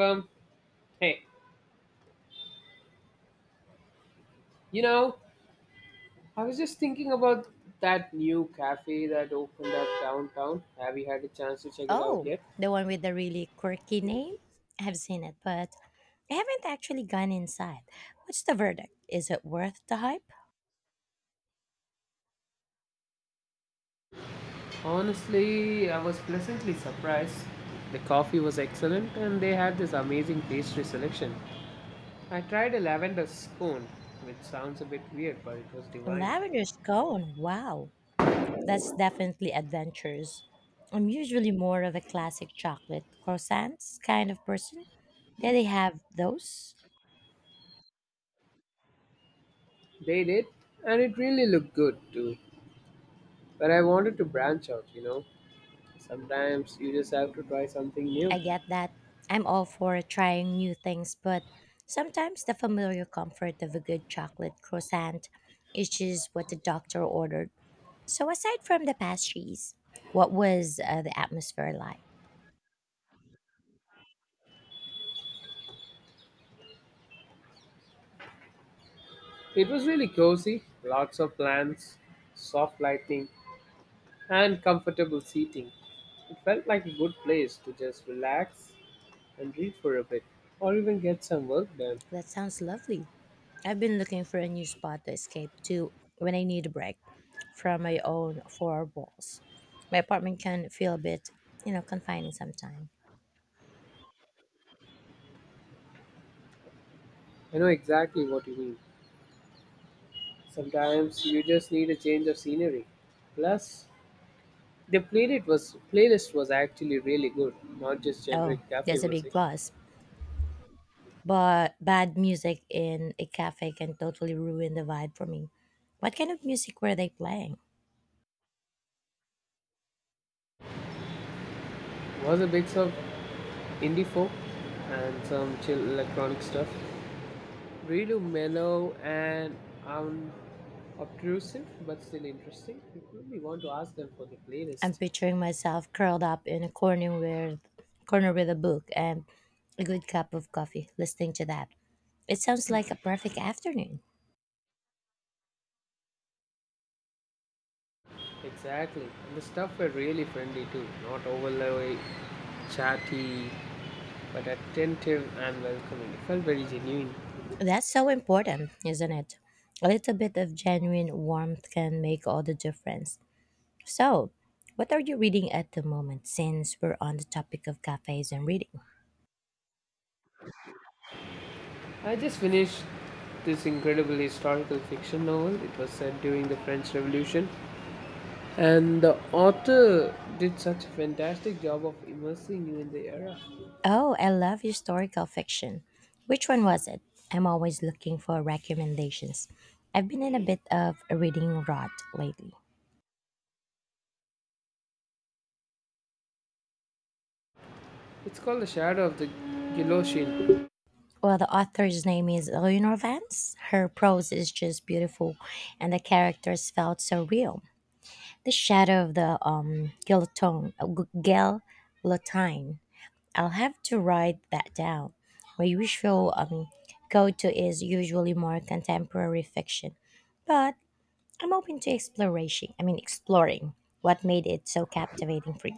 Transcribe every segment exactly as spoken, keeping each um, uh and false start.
Um, hey, you know, I was just thinking about that new cafe that opened up downtown. Have you had a chance to check it out Oh, yet? the one with the really quirky name? I've seen it, but I haven't actually gone inside. What's the verdict? Is it worth the hype? Honestly, I was pleasantly surprised. The coffee was excellent and they had this amazing pastry selection. I tried a lavender scone, which sounds a bit weird, but it was divine. Lavender scone. Wow. That's definitely adventurous. I'm usually more of a classic chocolate croissants kind of person. There they have those. They did, and it really looked good too. But I wanted to branch out, you know. Sometimes you just have to try something new. I get that. I'm all for trying new things, but sometimes the familiar comfort of a good chocolate croissant is just what the doctor ordered. So, aside from the pastries, what was uh, the atmosphere like? It was really cozy, lots of plants, soft lighting, and comfortable seating. It felt like a good place to just relax and read for a bit, or even get some work done. That sounds lovely. I've been looking for a new spot to escape to when I need a break from my own four walls. My apartment can feel a bit, you know, confining sometimes. I know exactly what you mean. Sometimes you just need a change of scenery. Plus, the playlist was playlist was actually really good, not just Oh, generic cafe that's a big music. plus. But bad music in a cafe can totally ruin the vibe for me. What kind of music were they playing? It was a mix of indie folk and some chill electronic stuff. Really mellow and unobtrusive, but still interesting. You really want to ask them for the I'm playlist. picturing myself curled up in a corner with, corner with a book and a good cup of coffee, listening to that. It sounds like a perfect afternoon. Exactly. And the stuff were really friendly too, not overly chatty, but attentive and welcoming. It felt very genuine. That's so important, isn't it? A little bit of genuine warmth can make all the difference. So, what are you reading at the moment since we're on the topic of cafes and reading? I just finished this incredible historical fiction novel. It was set during the French Revolution, and the author did such a fantastic job of immersing you in the era. Oh, I love historical fiction. Which one was it? I'm always looking for recommendations. I've been in a bit of a reading rot lately. It's called The Shadow of the Guillotine. Well, the author's name is Eleanor Vance. Her prose is just beautiful, and the characters felt so real. The shadow of the um, guillotine, uh, gu- guillotine. I'll have to write that down. My usual um, go-to is usually more contemporary fiction, but I'm open to exploration. I mean, exploring what made it so captivating for you.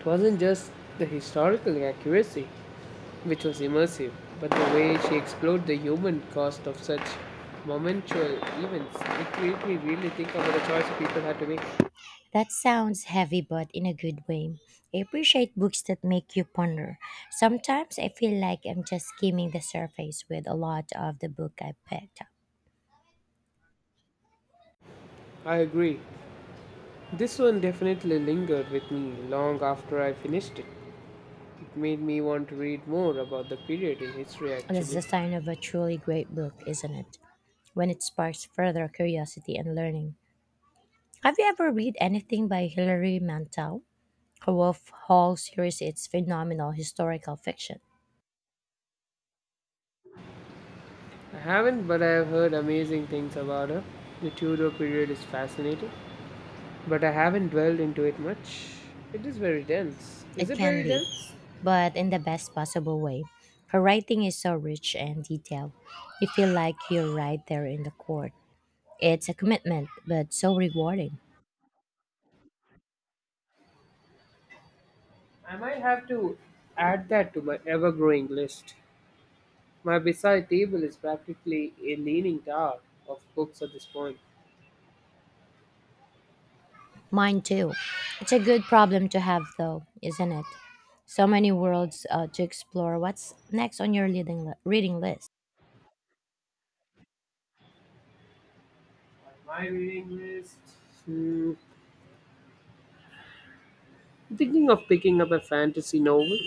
It wasn't just the historical accuracy, which was immersive, but the way she explored the human cost of such momentous events. It made me really think about the choice people had to make. That sounds heavy, but in a good way. I appreciate books that make you ponder. Sometimes I feel like I'm just skimming the surface with a lot of the book I picked up. I agree. This one definitely lingered with me long after I finished it. It made me want to read more about the period in history That's the actually. sign of a truly great book, isn't it? When it sparks further curiosity and learning. Have you ever read anything by Hilary Mantel? Her Wolf Hall series is phenomenal historical fiction. I haven't, but I have heard amazing things about her. The Tudor period is fascinating, but I haven't dwelled into it much. It is very dense. Is It it very can be, dense? but in the best possible way. Her writing is so rich and detailed. You feel like you're right there in the court. It's a commitment, but so rewarding. I might have to add that to my ever growing list. My bedside table is practically a leaning tower of books at this point. Mine too. It's a good problem to have, though, isn't it? So many worlds uh, to explore. What's next on your reading, li- reading list? On my reading list. Hmm, I'm thinking of picking up a fantasy novel.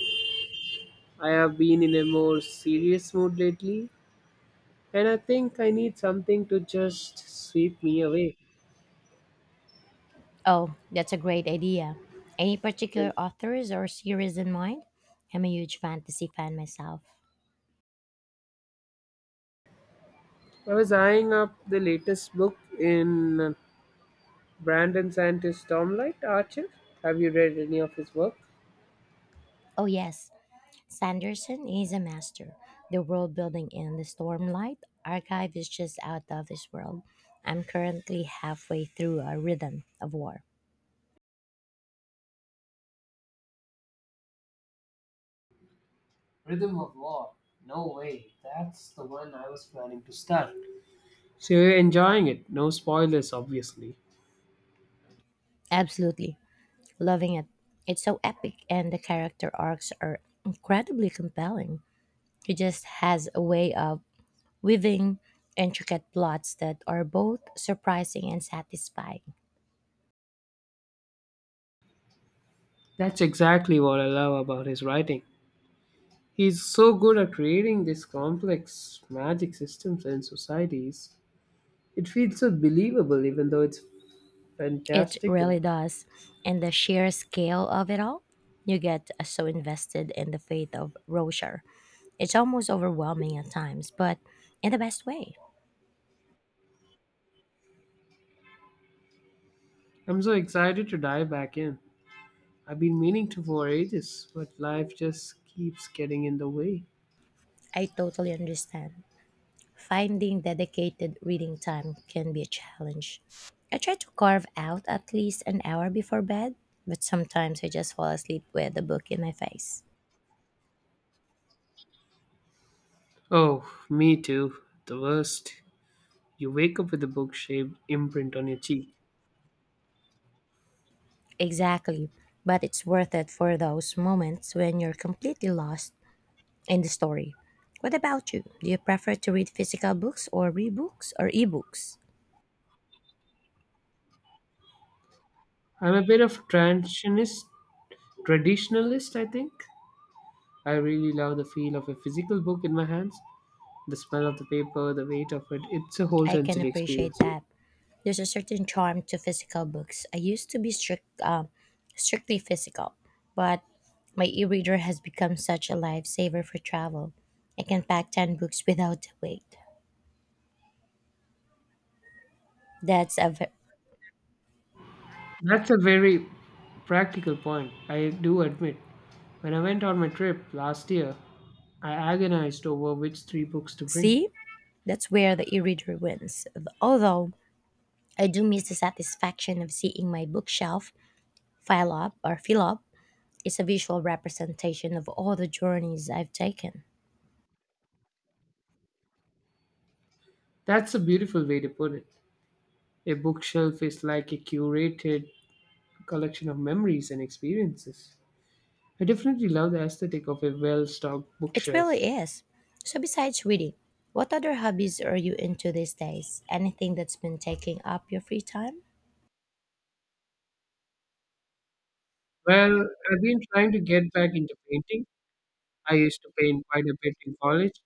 I have been in a more serious mood lately, and I think I need something to just sweep me away. Oh, that's a great idea. Any particular authors or series in mind? I'm a huge fantasy fan myself. I was eyeing up the latest book in Brandon Santis Stormlight Archer. Have you read any of his work? Oh, yes. Sanderson is a master. The world building in the Stormlight archive is just out of this world. I'm currently halfway through a rhythm of war. Rhythm of War. No way. That's the one I was planning to start. So you're enjoying it. No spoilers, obviously. Absolutely. Loving it. It's so epic and the character arcs are incredibly compelling. He just has a way of weaving intricate plots that are both surprising and satisfying. That's exactly what I love about his writing. He's so good at creating these complex magic systems and societies. It feels so believable, even though it's It fantastical. really does. And the sheer scale of it all, you get so invested in the fate of Roshar. It's almost overwhelming at times, but in the best way. I'm so excited to dive back in. I've been meaning to for ages, but life just keeps getting in the way. I totally understand. Finding dedicated reading time can be a challenge. I try to carve out at least an hour before bed, but sometimes I just fall asleep with the book in my face. Oh, me too. The worst. You wake up with a book shaped imprint on your cheek. Exactly, but it's worth it for those moments when you're completely lost in the story. What about you? Do you prefer to read physical books or read books or ebooks? I'm a bit of a transitionist, traditionalist, I think. I really love the feel of a physical book in my hands, the smell of the paper, the weight of it. It's a whole I can sensory experience. appreciate that. There's a certain charm to physical books. I used to be strict, um, strictly physical, but my e-reader has become such a lifesaver for travel. I can pack ten books without a weight. That's a ve- That's a very practical point, I do admit. When I went on my trip last year, I agonized over which three books to bring. see, that's where the e-reader wins. Although I do miss the satisfaction of seeing my bookshelf file up or fill up. It's a visual representation of all the journeys I've taken. That's a beautiful way to put it. A bookshelf is like a curated collection of memories and experiences. I definitely love the aesthetic of a well stocked It bookshelf. really is. So, besides reading, what other hobbies are you into these days? Anything that's been taking up your free time? Well, I've been trying to get back into painting. I used to paint quite a bit in college,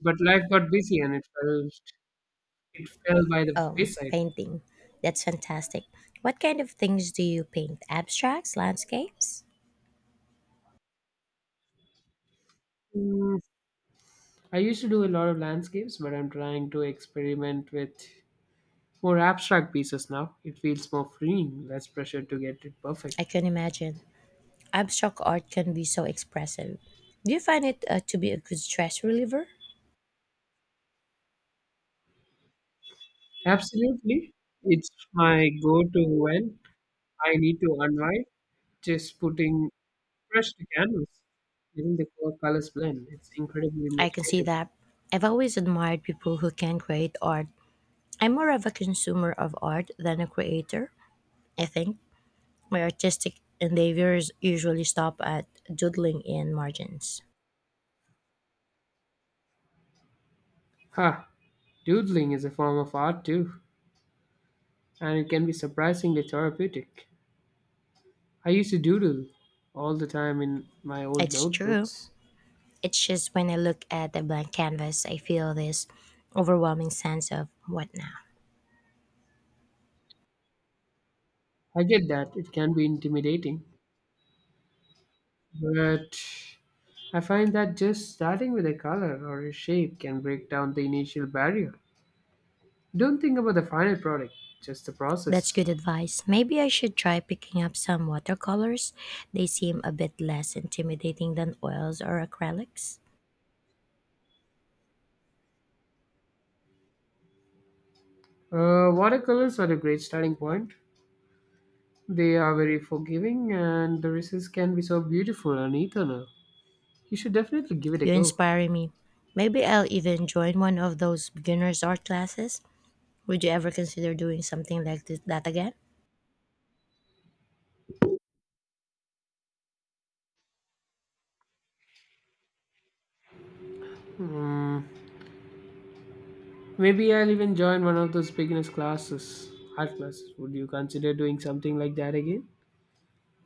but life got busy and it fell, it fell by the Oh, wayside. painting. That's fantastic. What kind of things do you paint? Abstracts? Landscapes? Mm, I used to do a lot of landscapes, but I'm trying to experiment with more abstract pieces now. It feels more freeing, less pressure to get it perfect. I can imagine. Abstract art can be so expressive. Do you find it uh, to be a good stress reliever? Absolutely. It's my go to when I need to unwind. Just putting Fresh to canvas, letting the core colors blend. It's incredibly I can see meditative. that. I've always admired people who can create art. I'm more of a consumer of art than a creator, I think. My artistic endeavors usually stop at doodling in margins. Ha! Doodling is a form of art too, and it can be surprisingly therapeutic. I used to doodle all the time in my old It's true. notebooks. It's just when I look at the blank canvas, I feel this overwhelming sense of what now? I get that it can be intimidating, but I find that just starting with a color or a shape can break down the initial barrier. Don't think about the final product, just the That's process. good advice. Maybe I should try picking up some watercolors. They seem a bit less intimidating than oils or acrylics. Uh, watercolors are a great starting point. They are very forgiving, and the races can be so beautiful and eternal. You should definitely give it a You're go. inspiring me. Maybe I'll even join one of those beginners art classes. Would you ever consider doing something like this, that again? Hmm, maybe I'll even join one of those beginners classes, art classes. Would you consider doing something like that again?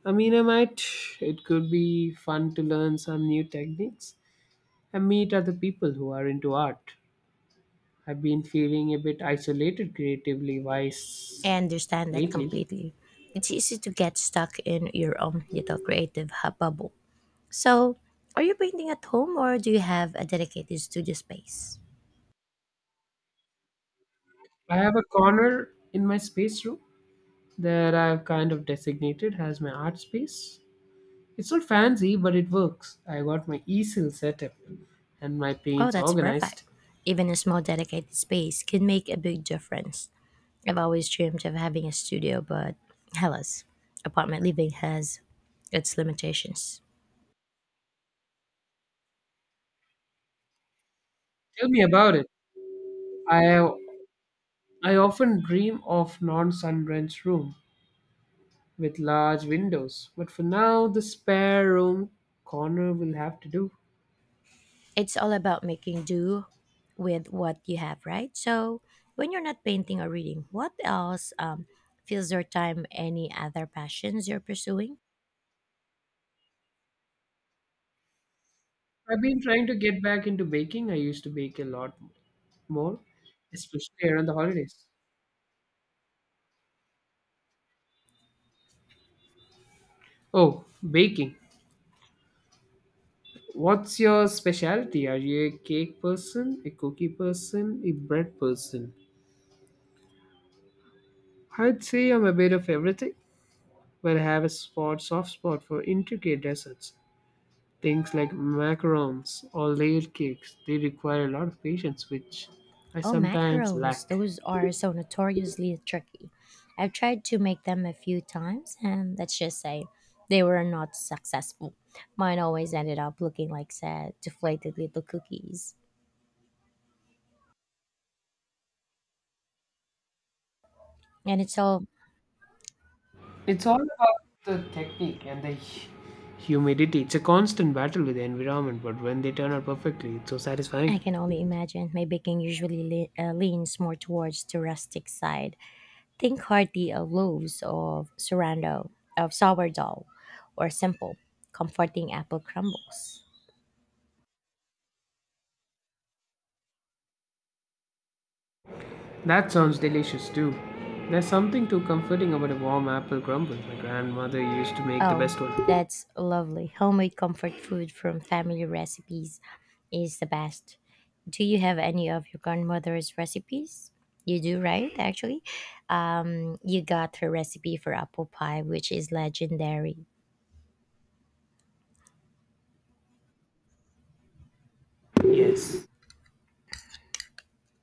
I mean, I might. It could be fun to learn some new techniques and meet other people who are into art. I've been feeling a bit isolated creatively I wise understand that lately. completely. It's easy to get stuck in your own little creative hu- bubble. So, are you painting at home or do you have a dedicated studio space? I have a corner in my space room that I've kind of designated as my art space. It's not fancy, but it works. I got my easel set up and my Oh, paints that's perfect. organized. Even a small dedicated space can make a big difference. I've always dreamed of having a studio, but hellas, apartment living has its limitations. Tell me about it. I I often dream of non-sunbrenched room with large windows, but for now the spare room corner will have to do. It's all about making do with what you have, right? So when you're not painting or reading, what else um, fills your time? Any other passions you're pursuing? I've been trying to get back into baking. I used to bake a lot more, especially around the holidays. Oh, baking. What's your specialty? Are you a cake person, a cookie person, a bread person? I'd say I'm a bit of everything, but I have a spot, soft spot for intricate desserts. Things like macarons or layered cakes, they require a lot of patience, which I Oh, sometimes macarons. lack. Those are so notoriously tricky. I've tried to make them a few times, and let's just say they were not successful. Mine always ended up looking like sad, deflated little cookies. And it's all It's all about the technique and the hu- humidity. It's a constant battle with the environment, but when they turn out perfectly, it's so satisfying. I can only imagine. My baking usually le- uh, leans more towards the rustic side. Think hearty of loaves of surrando, of sourdough, or simple, comforting apple crumbles. That sounds delicious too. There's something too comforting about a warm apple crumble. My grandmother used to make the Oh, best one. that's lovely. Homemade comfort food from family recipes is the best. Do you have any of your grandmother's recipes? You do, right? Actually, um, you got her recipe for apple pie, which is legendary. Yes,